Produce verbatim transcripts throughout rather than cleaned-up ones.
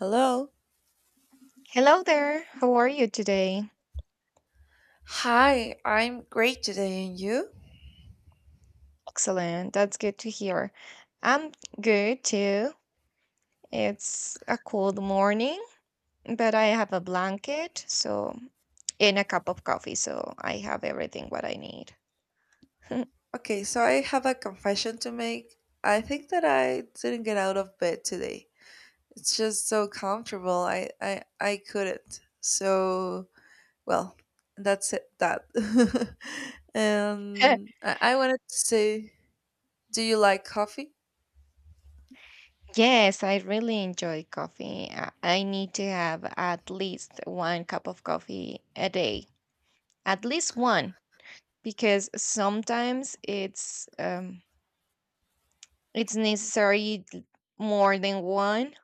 Hello. Hello there. How are you today? Hi, I'm great today, and you? Excellent. That's good to hear. I'm good too. It's a cold morning, but I have a blanket, so and a cup of coffee, so I have everything what I need. Okay, so I have a confession to make. I think that I didn't get out of bed today. It's just so comfortable. I I I couldn't. So, well, that's it that. and I, I wanted to say, do you like coffee? Yes, I really enjoy coffee. I I need to have at least one cup of coffee a day, at least one, because sometimes it's um, it's necessary d- more than one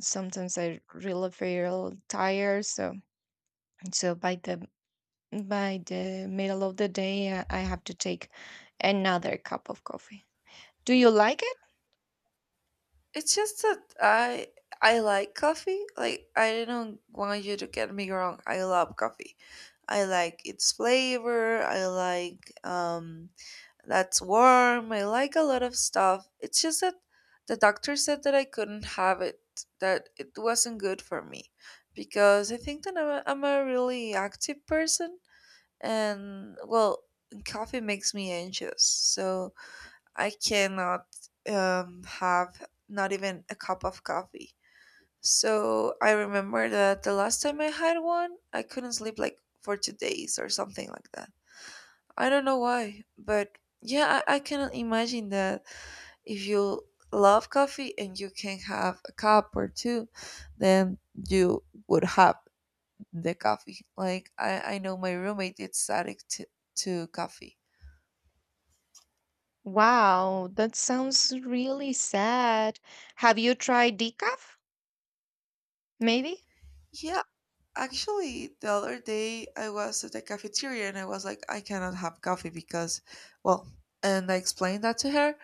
sometimes I really feel tired. So so by the by the middle of the day, I I have to take another cup of coffee. Do you like it? It's just that I I like coffee. Like, I don't want you to get me wrong. I love coffee. I like its flavor. I like um that's warm. I like a lot of stuff. It's just that the doctor said that I couldn't have it, that it wasn't good for me because I think that I'm a, I'm a really active person and, well, coffee makes me anxious. So I cannot um, have not even a cup of coffee. So I remember that the last time I had one, I couldn't sleep like for two days or something like that. I don't know why, but yeah, I, I cannot imagine that if you love coffee and you can have a cup or two, then you would have the coffee. Like, I, I know my roommate is addict to, to coffee. Wow, that sounds really sad. Have you tried decaf? Maybe? Yeah. Actually, the other day I was at the cafeteria and I was like, I cannot have coffee because, well, and I explained that to her.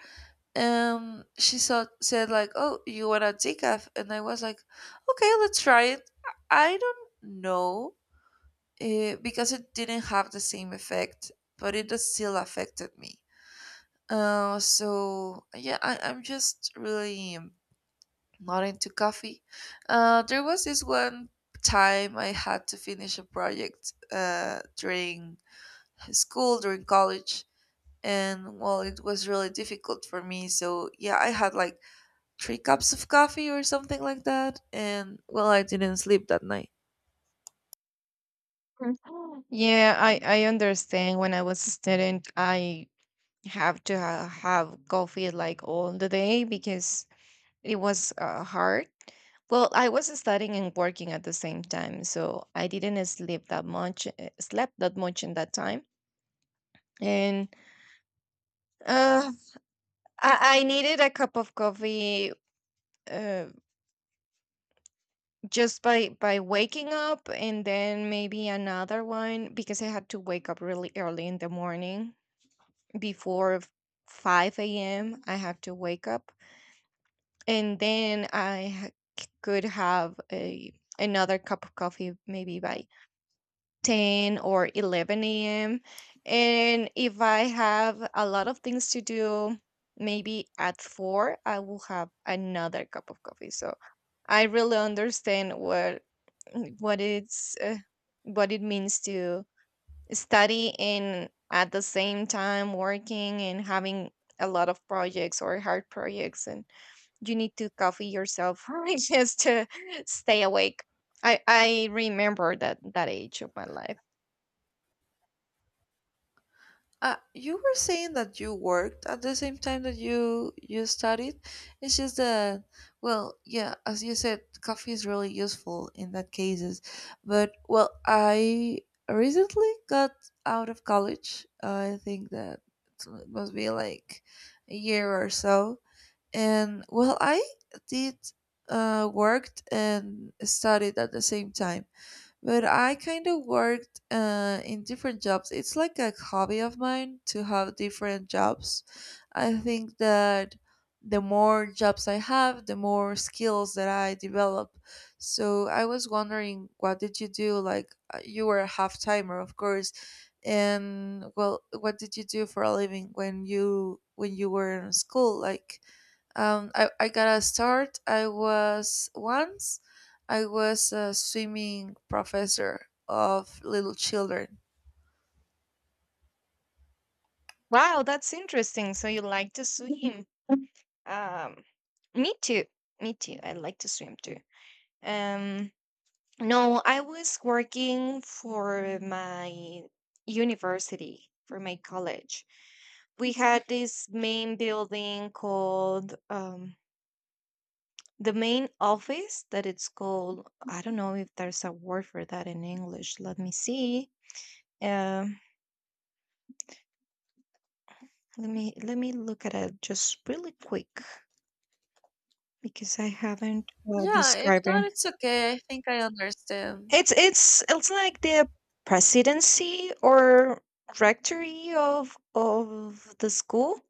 And she said, said like, oh, you want a decaf? And I was like, okay, let's try it. I don't know, eh, because it didn't have the same effect, but it does still affected me. Uh, so yeah, I, I'm just really not into coffee. Uh, there was this one time I had to finish a project uh, during school, during college, and, well, it was really difficult for me. So yeah, I had like three cups of coffee or something like that, and, well, I didn't sleep that night. Mhm. Yeah, I I understand. When I was a student, I have to ha- have coffee like all the day because it was uh, hard. Well, I was studying and working at the same time, so I didn't sleep that much, uh, slept that much in that time. And uh, I, I needed a cup of coffee uh, just by by waking up, and then maybe another one because I had to wake up really early in the morning before f- five a m. I had to wake up, and then I ha- c- could have a another cup of coffee maybe by ten or eleven a m. And if I have a lot of things to do, maybe at four, I will have another cup of coffee. So I really understand what what it's uh, what it means to study and at the same time working and having a lot of projects or hard projects and you need to coffee yourself just to stay awake. I I remember that that age of my life. Uh, you were saying that you worked at the same time that you you studied. It's just that, well, yeah, as you said, coffee is really useful in that cases. But, well, I recently got out of college. I think that it must be like a year or so. And, well, I did uh, worked and studied at the same time, but I kind of worked uh, in different jobs. It's like a hobby of mine to have different jobs. I think that the more jobs I have, the more skills that I develop. So I was wondering, what did you do? Like, uh, you were a half timer, of course. And, well, what did you do for a living when you when you were in school? Like, um, I, I gotta start. I was once, I was a swimming professor of little children. Wow, that's interesting. So you like to swim. Um, Me too. Me too. I like to swim too. Um, no, I was working for my university, for my college. We had this main building called um, the main office that it's called. I don't know if there's a word for that in English. Let me see. Um, let me let me look at it just really quick. Because I haven't uh, Yeah, if described not, it. it's okay. I think I understand. It's it's it's like the presidency or rectory of of the school.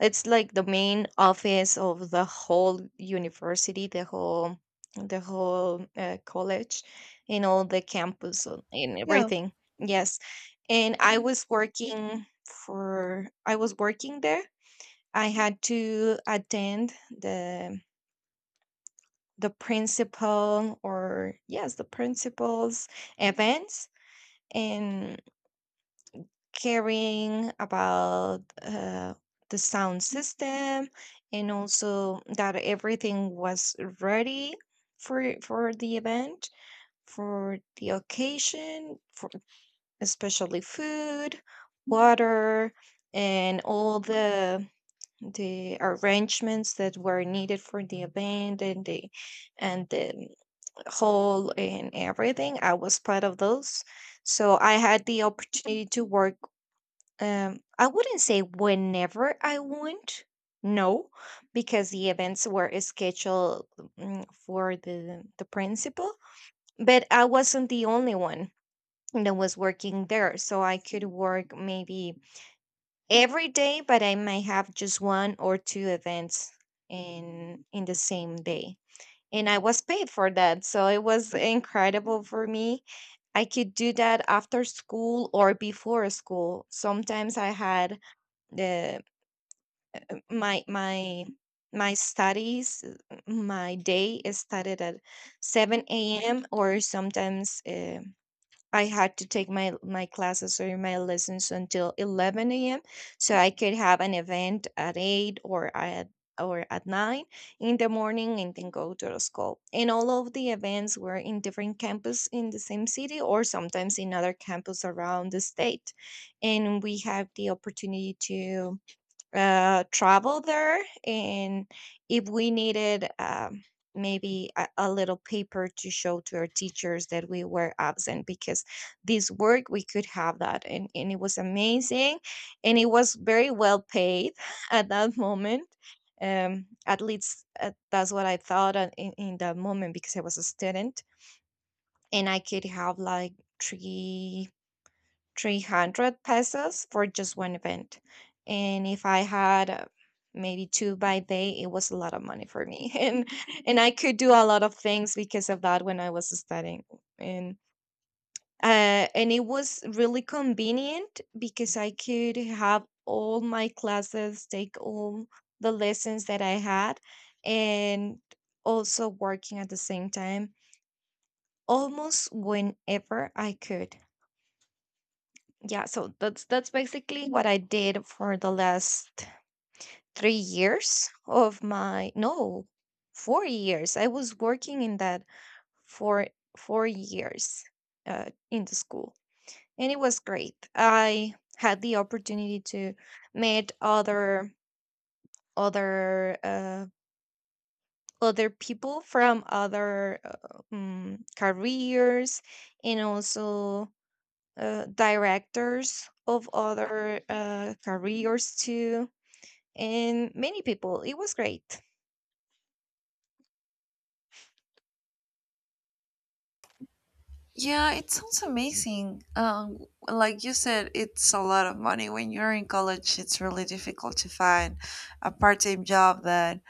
It's like the main office of the whole university, the whole the whole uh, college, and all the campus and and Yeah. everything. Yes, and I was working for I was working there. I had to attend the the principal or yes the principal's events and caring about uh, the sound system and also that everything was ready for for the event for the occasion for especially food, water, and all the the arrangements that were needed for the event and the and the hall and everything. I was part of those. So I had the opportunity to work. Um, I wouldn't say whenever I want, no, because the events were scheduled mm, for the the principal. But I wasn't the only one that was working there, so I could work maybe every day, but I might have just one or two events in in the same day and I was paid for that. So it was incredible for me. I could do that after school or before school. Sometimes I had the my my my studies, uh, my day started at seven a.m or sometimes uh, I had to take my my classes or my lessons until eleven a m so I could have an event at eight or at or at nine in the morning and then go to the school. And all of the events were in different campus in the same city or sometimes in other campus around the state. And we have the opportunity to uh, travel there and if we needed um, maybe a, a little paper to show to our teachers that we were absent because this work we could have that, and, and it was amazing and it was very well paid at that moment, um, at least uh, that's what I thought at- in, in that moment because I was a student and I could have like three 300 pesos for just one event. And if I had, uh, maybe two by day, it was a lot of money for me. And and I could do a lot of things because of that when I was studying. And uh, and it was really convenient because I could have all my classes, take all the lessons that I had, and also working at the same time almost whenever I could. Yeah, so that's that's basically what I did for the last three years of my no, four years. I was working in that for four years uh, in the school, and it was great. I had the opportunity to meet other other uh, other people from other uh, um, careers, and also uh, directors of other uh, careers too, and many people. It was great. Yeah, it sounds amazing. Um, like you said, it's a lot of money. When you're in college, it's really difficult to find a part-time job that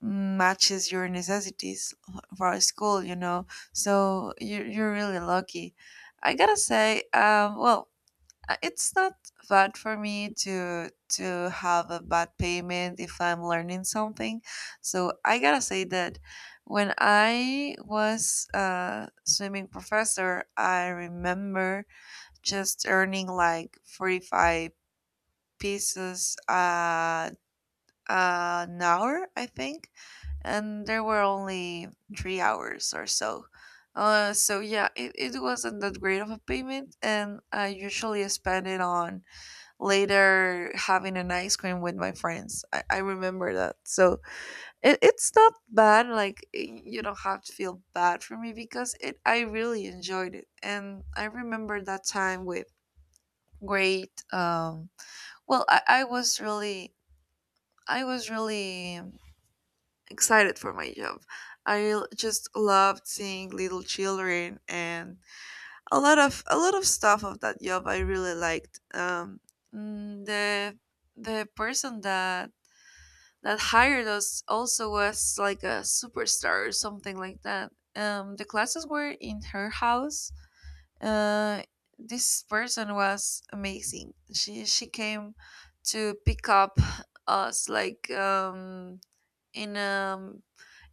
matches your necessities for school, you know. So you're, you're really lucky. I gotta say, um, well, Uh, it's not bad for me to to have a bad payment if I'm learning something. So I gotta say that when I was a swimming professor, I remember just earning like forty-five pieces uh, an hour, I think, and there were only three hours or so. Uh, so yeah, it, it wasn't that great of a payment, and I usually spend it on later having an ice cream with my friends. I, I remember that. So it, it's not bad. Like, y- you don't have to feel bad for me because it I really enjoyed it. And I remember that time with great um well I, I was really, I was really excited for my job. I l- just loved seeing little children, and a lot of a lot of stuff of that job I really liked. Um mm, the the person that that hired us also was like a superstar or something like that. Um, the classes were in her house. Uh, this person was amazing. She she came to pick up us like um, in a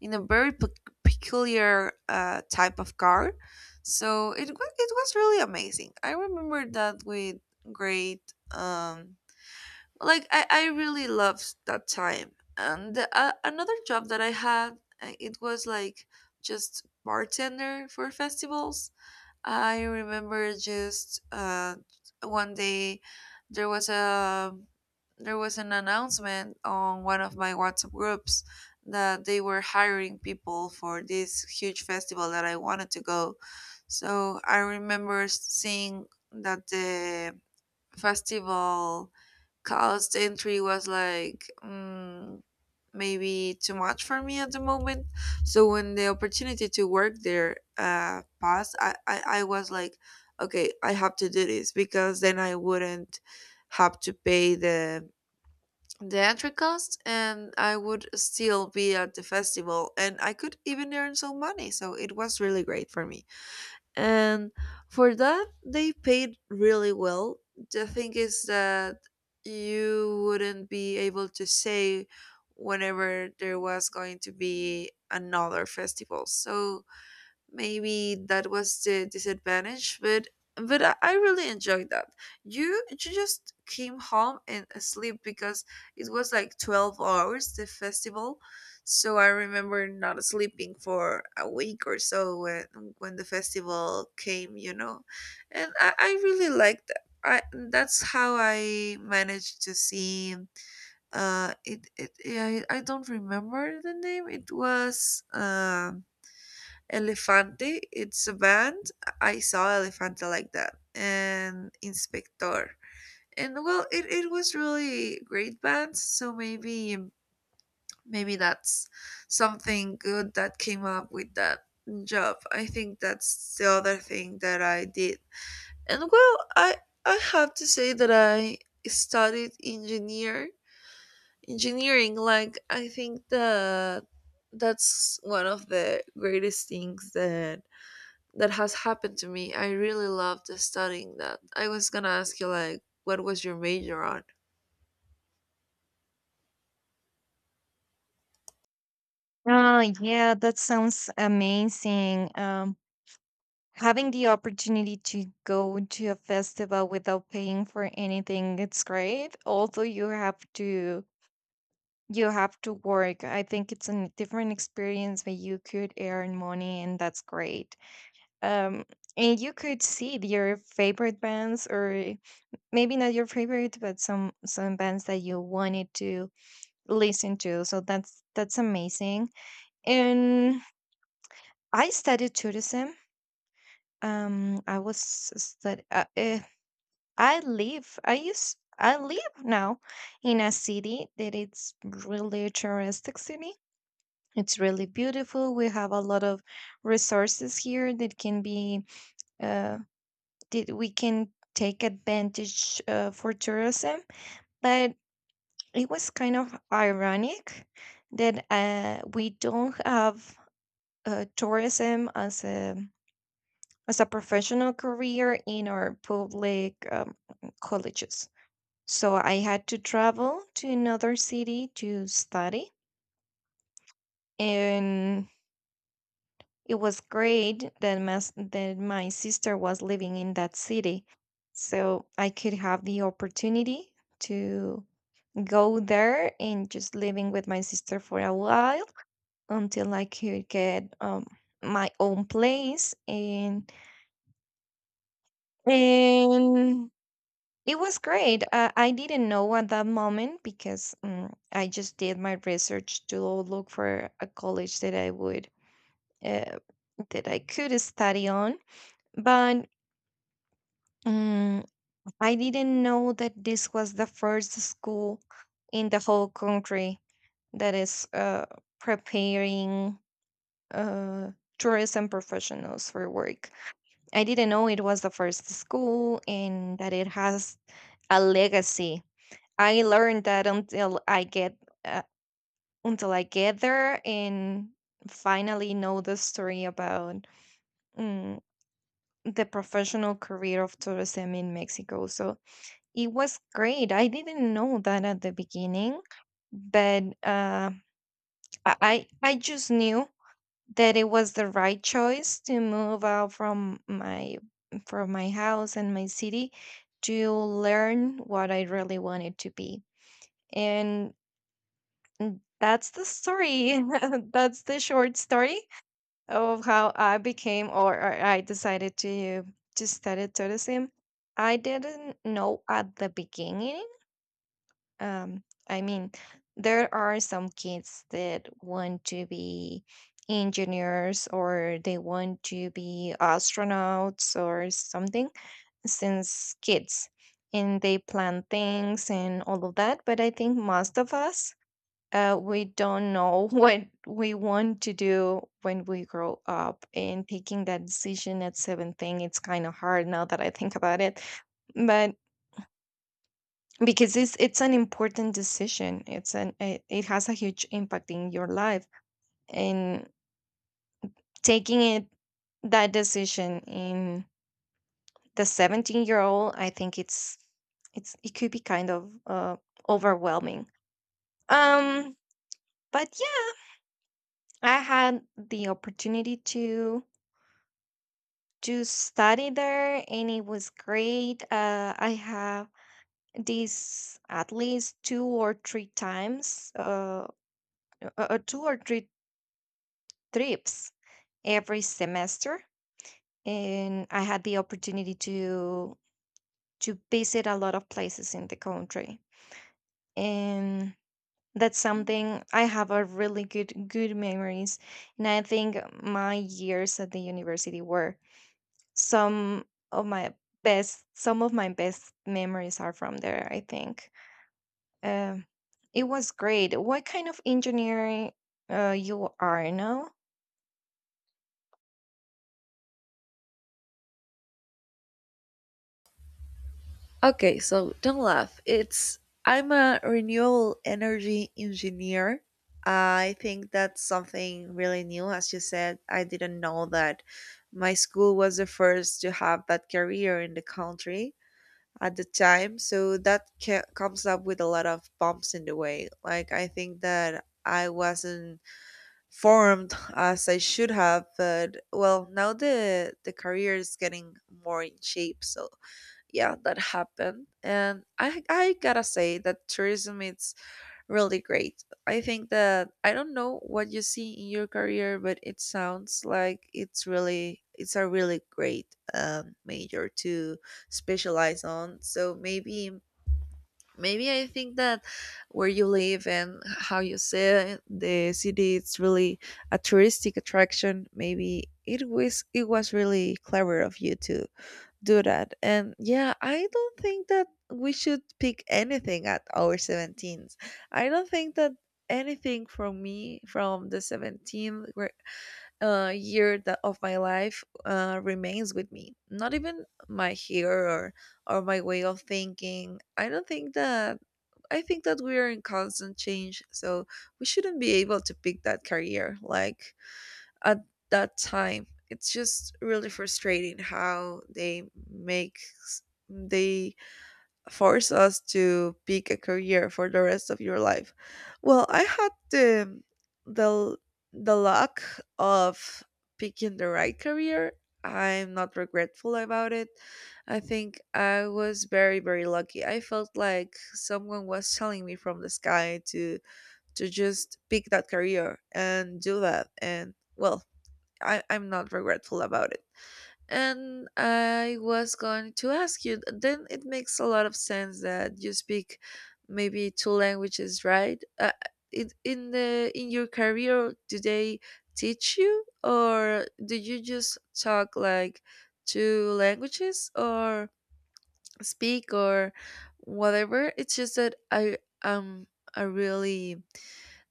in a very pe- peculiar uh, type of car. So it wa- it was really amazing. I remember that with great, um, like, I, I really loved that time. And the, uh, another job that I had, uh, it was like just bartender for festivals. I remember just, uh, one day there was a there was an announcement on one of my WhatsApp groups that they were hiring people for this huge festival that I wanted to go. So I remember seeing that the festival, cause the entry was like, mm, maybe too much for me at the moment. So when the opportunity to work there uh, passed, I, I, I was like, okay, I have to do this because then I wouldn't have to pay the the entry cost and I would still be at the festival and I could even earn some money. So it was really great for me, and for that they paid really well. The thing is that you wouldn't be able to say whenever there was going to be another festival, so maybe that was the disadvantage, but but i I really enjoyed that. You you just came home and asleep because it was like twelve hours the festival. So I remember not sleeping for a week or so when when the festival came, you know. And i, I really liked that. I, that's how I managed to see, uh it, it yeah, I, I don't remember the name. It was, um Elefante, it's a band. I saw Elefante like that, and Inspector. And, well, it, it was really great bands. So maybe, maybe that's something good that came up with that job. I think that's the other thing that I did. And, well, I I have to say that I studied engineer engineering. Like, I think that that's one of the greatest things that that has happened to me. I really loved studying that. I was gonna ask you, like, what was your major on? Ah, yeah, that sounds amazing. Um, having the opportunity to go to a festival without paying for anything, it's great. Although you have to you have to work. I think it's a different experience where you could earn money and that's great. Um, and you could see your favorite bands or maybe not your favorite, but some some bands that you wanted to listen to. So that's that's amazing. And I studied tourism. Um, I was stud- uh, uh, eh, I live. I used. I live now in a city that it's really touristic city. It's really beautiful. We have a lot of resources here that can be uh, that we can take advantage uh, for tourism. But it was kind of ironic that uh, we don't have uh, tourism as a as a professional career in our public um, colleges. So I had to travel to another city to study, and it was great that my, that my sister was living in that city, so I could have the opportunity to go there and just living with my sister for a while until I could get um, my own place and and it was great. Uh, I didn't know at that moment because um, I just did my research to look for a college that I would uh, that I could study on, but um, I didn't know that this was the first school in the whole country that is uh, preparing uh, tourism professionals for work. I didn't know it was the first school and that it has a legacy. I learned that until I get, uh, until I get there and finally know the story about, mm, the professional career of tourism in Mexico. So it was great. I didn't know that at the beginning, but uh, I I I just knew that it was the right choice to move out from my from my house and my city to learn what I really wanted to be. And mm, that's the story. That's the short story of how I became, or, or I decided to to study tourism. I didn't know at the beginning. um, I mean, there are some kids that want to be engineers or they want to be astronauts or something since kids, and they plan things and all of that. But I think most of us, uh, we don't know what we want to do when we grow up, and taking that decision at seventeen it's kind of hard now that I think about it, but because it's it's an important decision, it's an it, it has a huge impact in your life, and taking it that decision in the seventeen year old I think it's it's it could be kind of uh overwhelming. um but yeah, I had the opportunity to to study there and it was great. uh I have this at least two or three times, uh, uh uh, two or three trips every semester, and I had the opportunity to to visit a lot of places in the country, and that's something I have a really good good memories, and I think my years at the university were some of my best some of my best memories are from there I think. Um it was great. What kind of engineering uh, you are now? Okay, so don't laugh. It's, I'm a renewable energy engineer. I think that's something really new. As you said, I didn't know that my school was the first to have that career in the country at the time. So that ca- comes up with a lot of bumps in the way. Like, I think that I wasn't formed as I should have, but, well, now the the career is getting more in shape. So yeah, that happened, and I I gotta say that tourism is really great. I think that I don't know what you see in your career, but it sounds like it's really, it's a really great, um, major to specialize on. So maybe, maybe I think that where you live and how you see the city, it's really a touristic attraction. Maybe it was it was really clever of you to do that. And yeah, I don't think that we should pick anything at our seventeenth. I don't think that anything from me from the seventeenth uh, year that of my life uh, remains with me. Not even my hair or or my way of thinking. I don't think that. I think that we are in constant change, so we shouldn't be able to pick that career like at that time. It's just really frustrating how they make s- they force us to pick a career for the rest of your life. Well, I had the the the luck of picking the right career. I'm not regretful about it. I think I was very very lucky. I felt like someone was telling me from the sky to to just pick that career and do that. And, well, I, I'm not regretful about it. And I was going to ask you, then it makes a lot of sense that you speak maybe two languages, right? Uh, it, in the in your career, do they teach you, or do you just talk like two languages, or speak, or whatever? It's just that I am a really,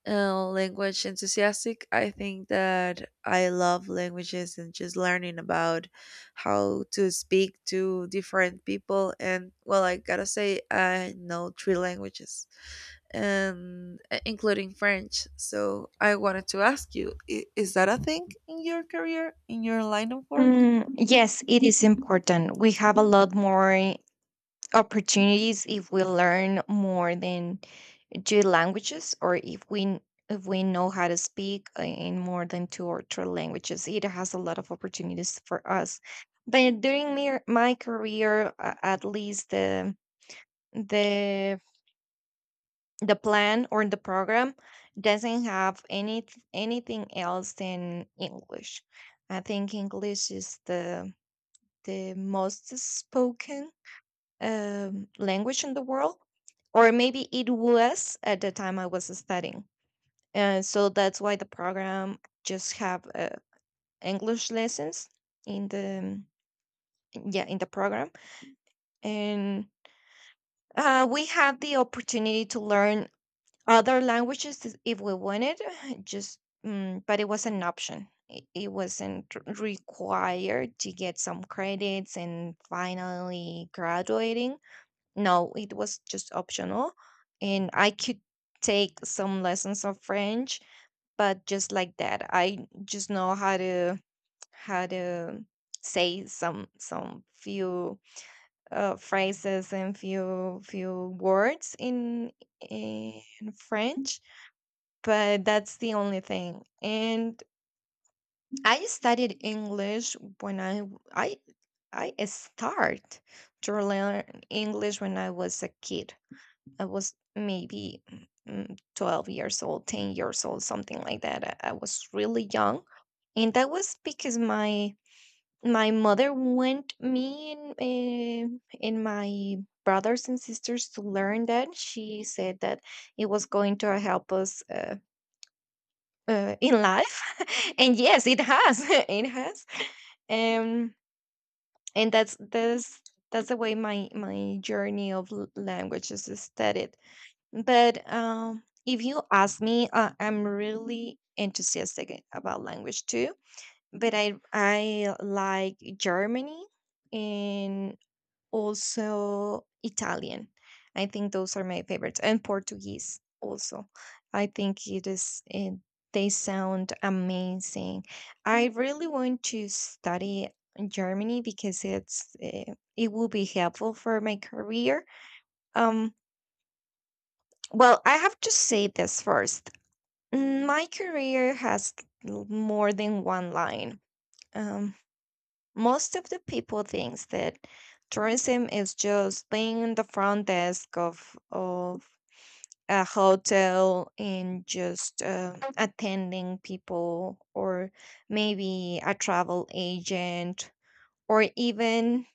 uh, language enthusiastic. I think that I love languages and just learning about how to speak to different people. And, well, I gotta say, I know three languages, and, uh, including French. So I wanted to ask you: i- Is that a thing in your career, in your line of work? Mm, yes, it is important. We have a lot more opportunities if we learn more than two languages or if we if we know how to speak in more than two or three languages. It has a lot of opportunities for us, but during my, my career a- at least the the the plan or the program doesn't have any anything else than English. I think English is the the most spoken, um, language in the world, or maybe it was at the time I was studying. And so that's why the program just have, uh, English lessons in the yeah in the program, and uh, we have the opportunity to learn other languages is- if we wanted. Just mm, but it was an option. It it wasn't r- required to get some credits and finally graduating. No, it was just optional. And I could take some lessons of French, but just like that, I just know how to how to say some some few uh, phrases and few few words in in French, but that's the only thing. And I studied English when I w- I I start to learn English when I was a kid. I was maybe mm, mm, twelve years old, ten years old, something like that. I, I was really young. And that was because my my mother went me and, um and my brothers and sisters to learn that. She said that it was going to help us uh, uh, in life. And yes, it has. It has. Um, and that's, that's, that's the way my, my journey of l- languages is started. But um, if you ask me, uh, I'm really enthusiastic about language too. But I I like Germany and also Italian. I think those are my favorites, and Portuguese also. I think it is. It, they sound amazing. I really want to study Germany because it's uh, it will be helpful for my career. Um, well, I have to say this first. Mm, My career has l- more than one line. Um, Most of the people thinks that tourism is just being in the front desk of of a hotel and just uh, attending people, or maybe a travel agent, or even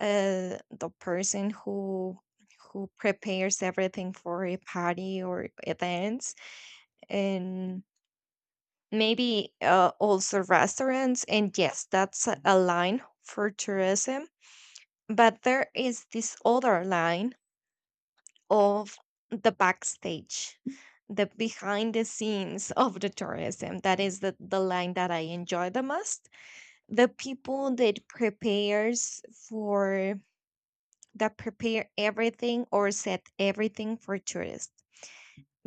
uh, the person who who prepares everything for a party or events, and maybe uh, also restaurants, and yes, that's a a line for tourism. But there is this other line of the backstage, the behind the scenes of the tourism. That is the, the line that I enjoy the most. The people that prepares for that prepare everything or set everything for tourists.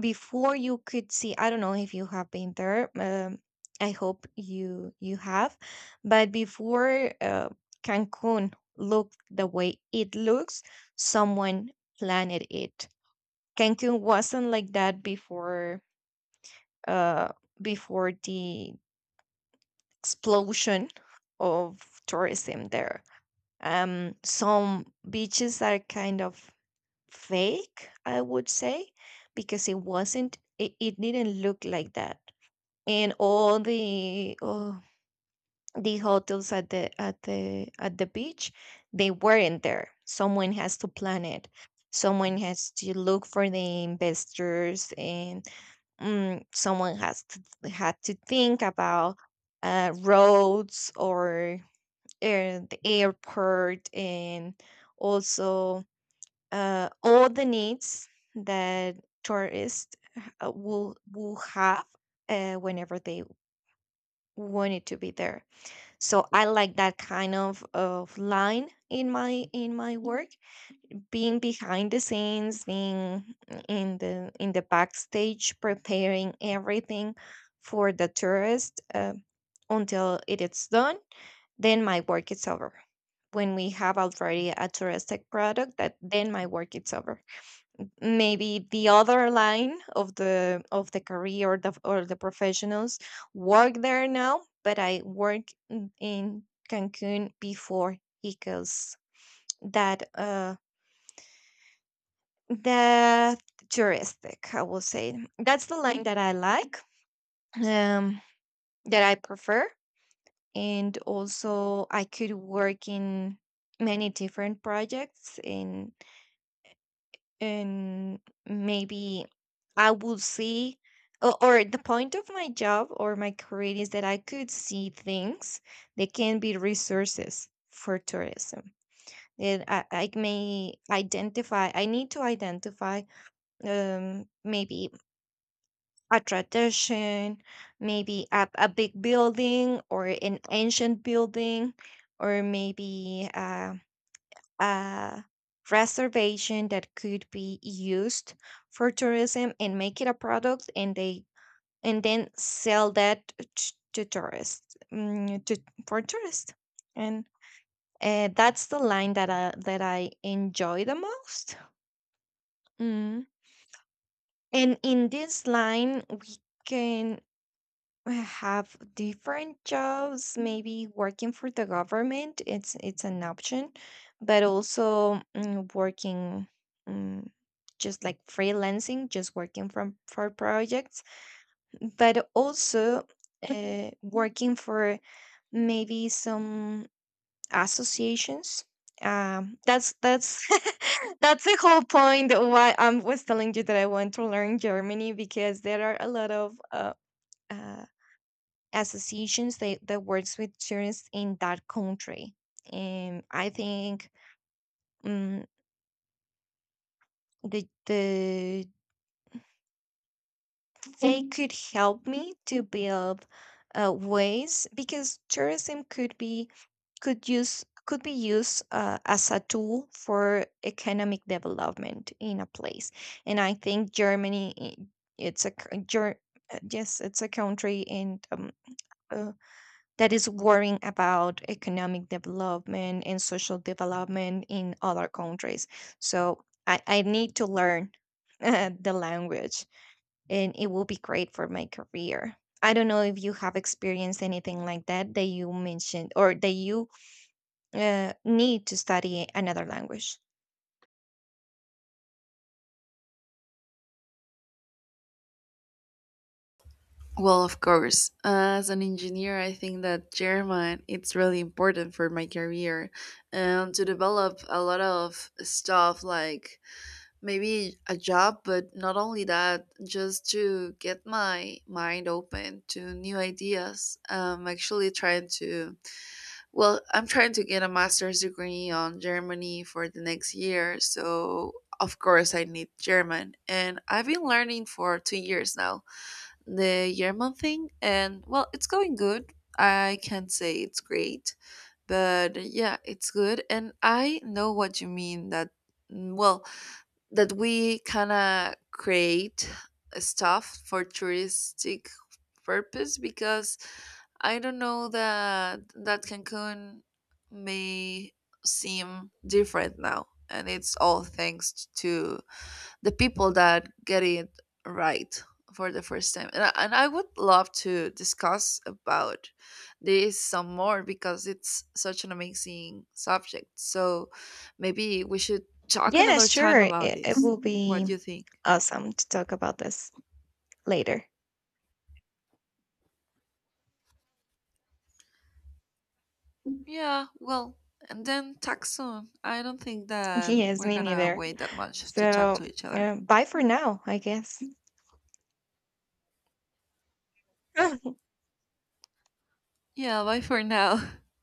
Before you could see, I don't know if you have been there, um, I hope you you have, but before uh, Cancun looked the way it looks, someone planned it. Cancun wasn't like that before, uh before the explosion of tourism there. Um some beaches are kind of fake, I would say, because it wasn't, it, it didn't look like that. And all the oh, the hotels at the at the at the beach, they weren't there. Someone has to plan it. Someone has to look for the investors, and mm, someone has to had to think about uh, roads, or air, the airport, and also uh, all the needs that tourists uh, will will have uh, whenever they wanted to be there. So I like that kind of, of line in my in my work, being behind the scenes, being in the in the backstage, preparing everything for the tourist uh, until it is done. Then my work is over. When we have already a touristic product, that then my work is over. Maybe the other line of the of the career, or the, or the professionals work there now. But I work in in Cancun before, because that uh the touristic, I will say that's the line that I like. um that I prefer. And also I could work in many different projects in, and maybe I would see, or, or the point of my job or my career is that I could see things that can be resources for tourism. That I, I may identify, I need to identify um, maybe a tradition, maybe a, a big building or an ancient building, or maybe uh, a reservation that could be used for tourism and make it a product, and they and then sell that t- to tourists, mm, to, for tourists, and uh, that's the line that I, that I enjoy the most. Mm. And in this line we can have different jobs. Maybe working for the government, it's it's an option, but also mm, working, mm, just like freelancing, just working from for projects, but also uh, working for maybe some associations. Um, that's that's that's the whole point why I was telling you that I want to learn Germany, because there are a lot of uh, uh, associations that, that works with tourists in that country. And I think, um, the the they could help me to build uh, ways, because tourism could be could use could be used uh, as a tool for economic development in a place. And I think Germany, I- it's a c- Ger- uh, yes, it's a country, and um, uh, that is worrying about economic development and social development in other countries. So i, I need to learn the language, and it will be great for my career. I don't know if you have experienced anything like that that you mentioned, or that you uh, need to study another language. Well, of course. As an engineer, I think that German it's really important for my career and to develop a lot of stuff, like maybe a job, but not only that, just to get my mind open to new ideas. I'm actually trying to, well, I'm trying to get a master's degree on Germany for the next year, so of course I need German, and I've been learning for two years now the German thing, and, well, it's going good. I can't say it's great, but yeah, it's good. And I know what you mean that, mm, well, that we kind of create stuff for touristic purpose. Because I don't know that that Cancun may seem different now, and it's all thanks to the people that get it right for the first time. And I, and I would love to discuss about this some more because it's such an amazing subject. So maybe we should talk Yeah, another time sure. about It, it this. will What do be you think? awesome to talk about this later. Yeah, well, and then talk soon. I don't think that Yes, we're me gonna neither. wait that much to talk So, to each other. uh, bye for now, I guess. Yeah, bye for now.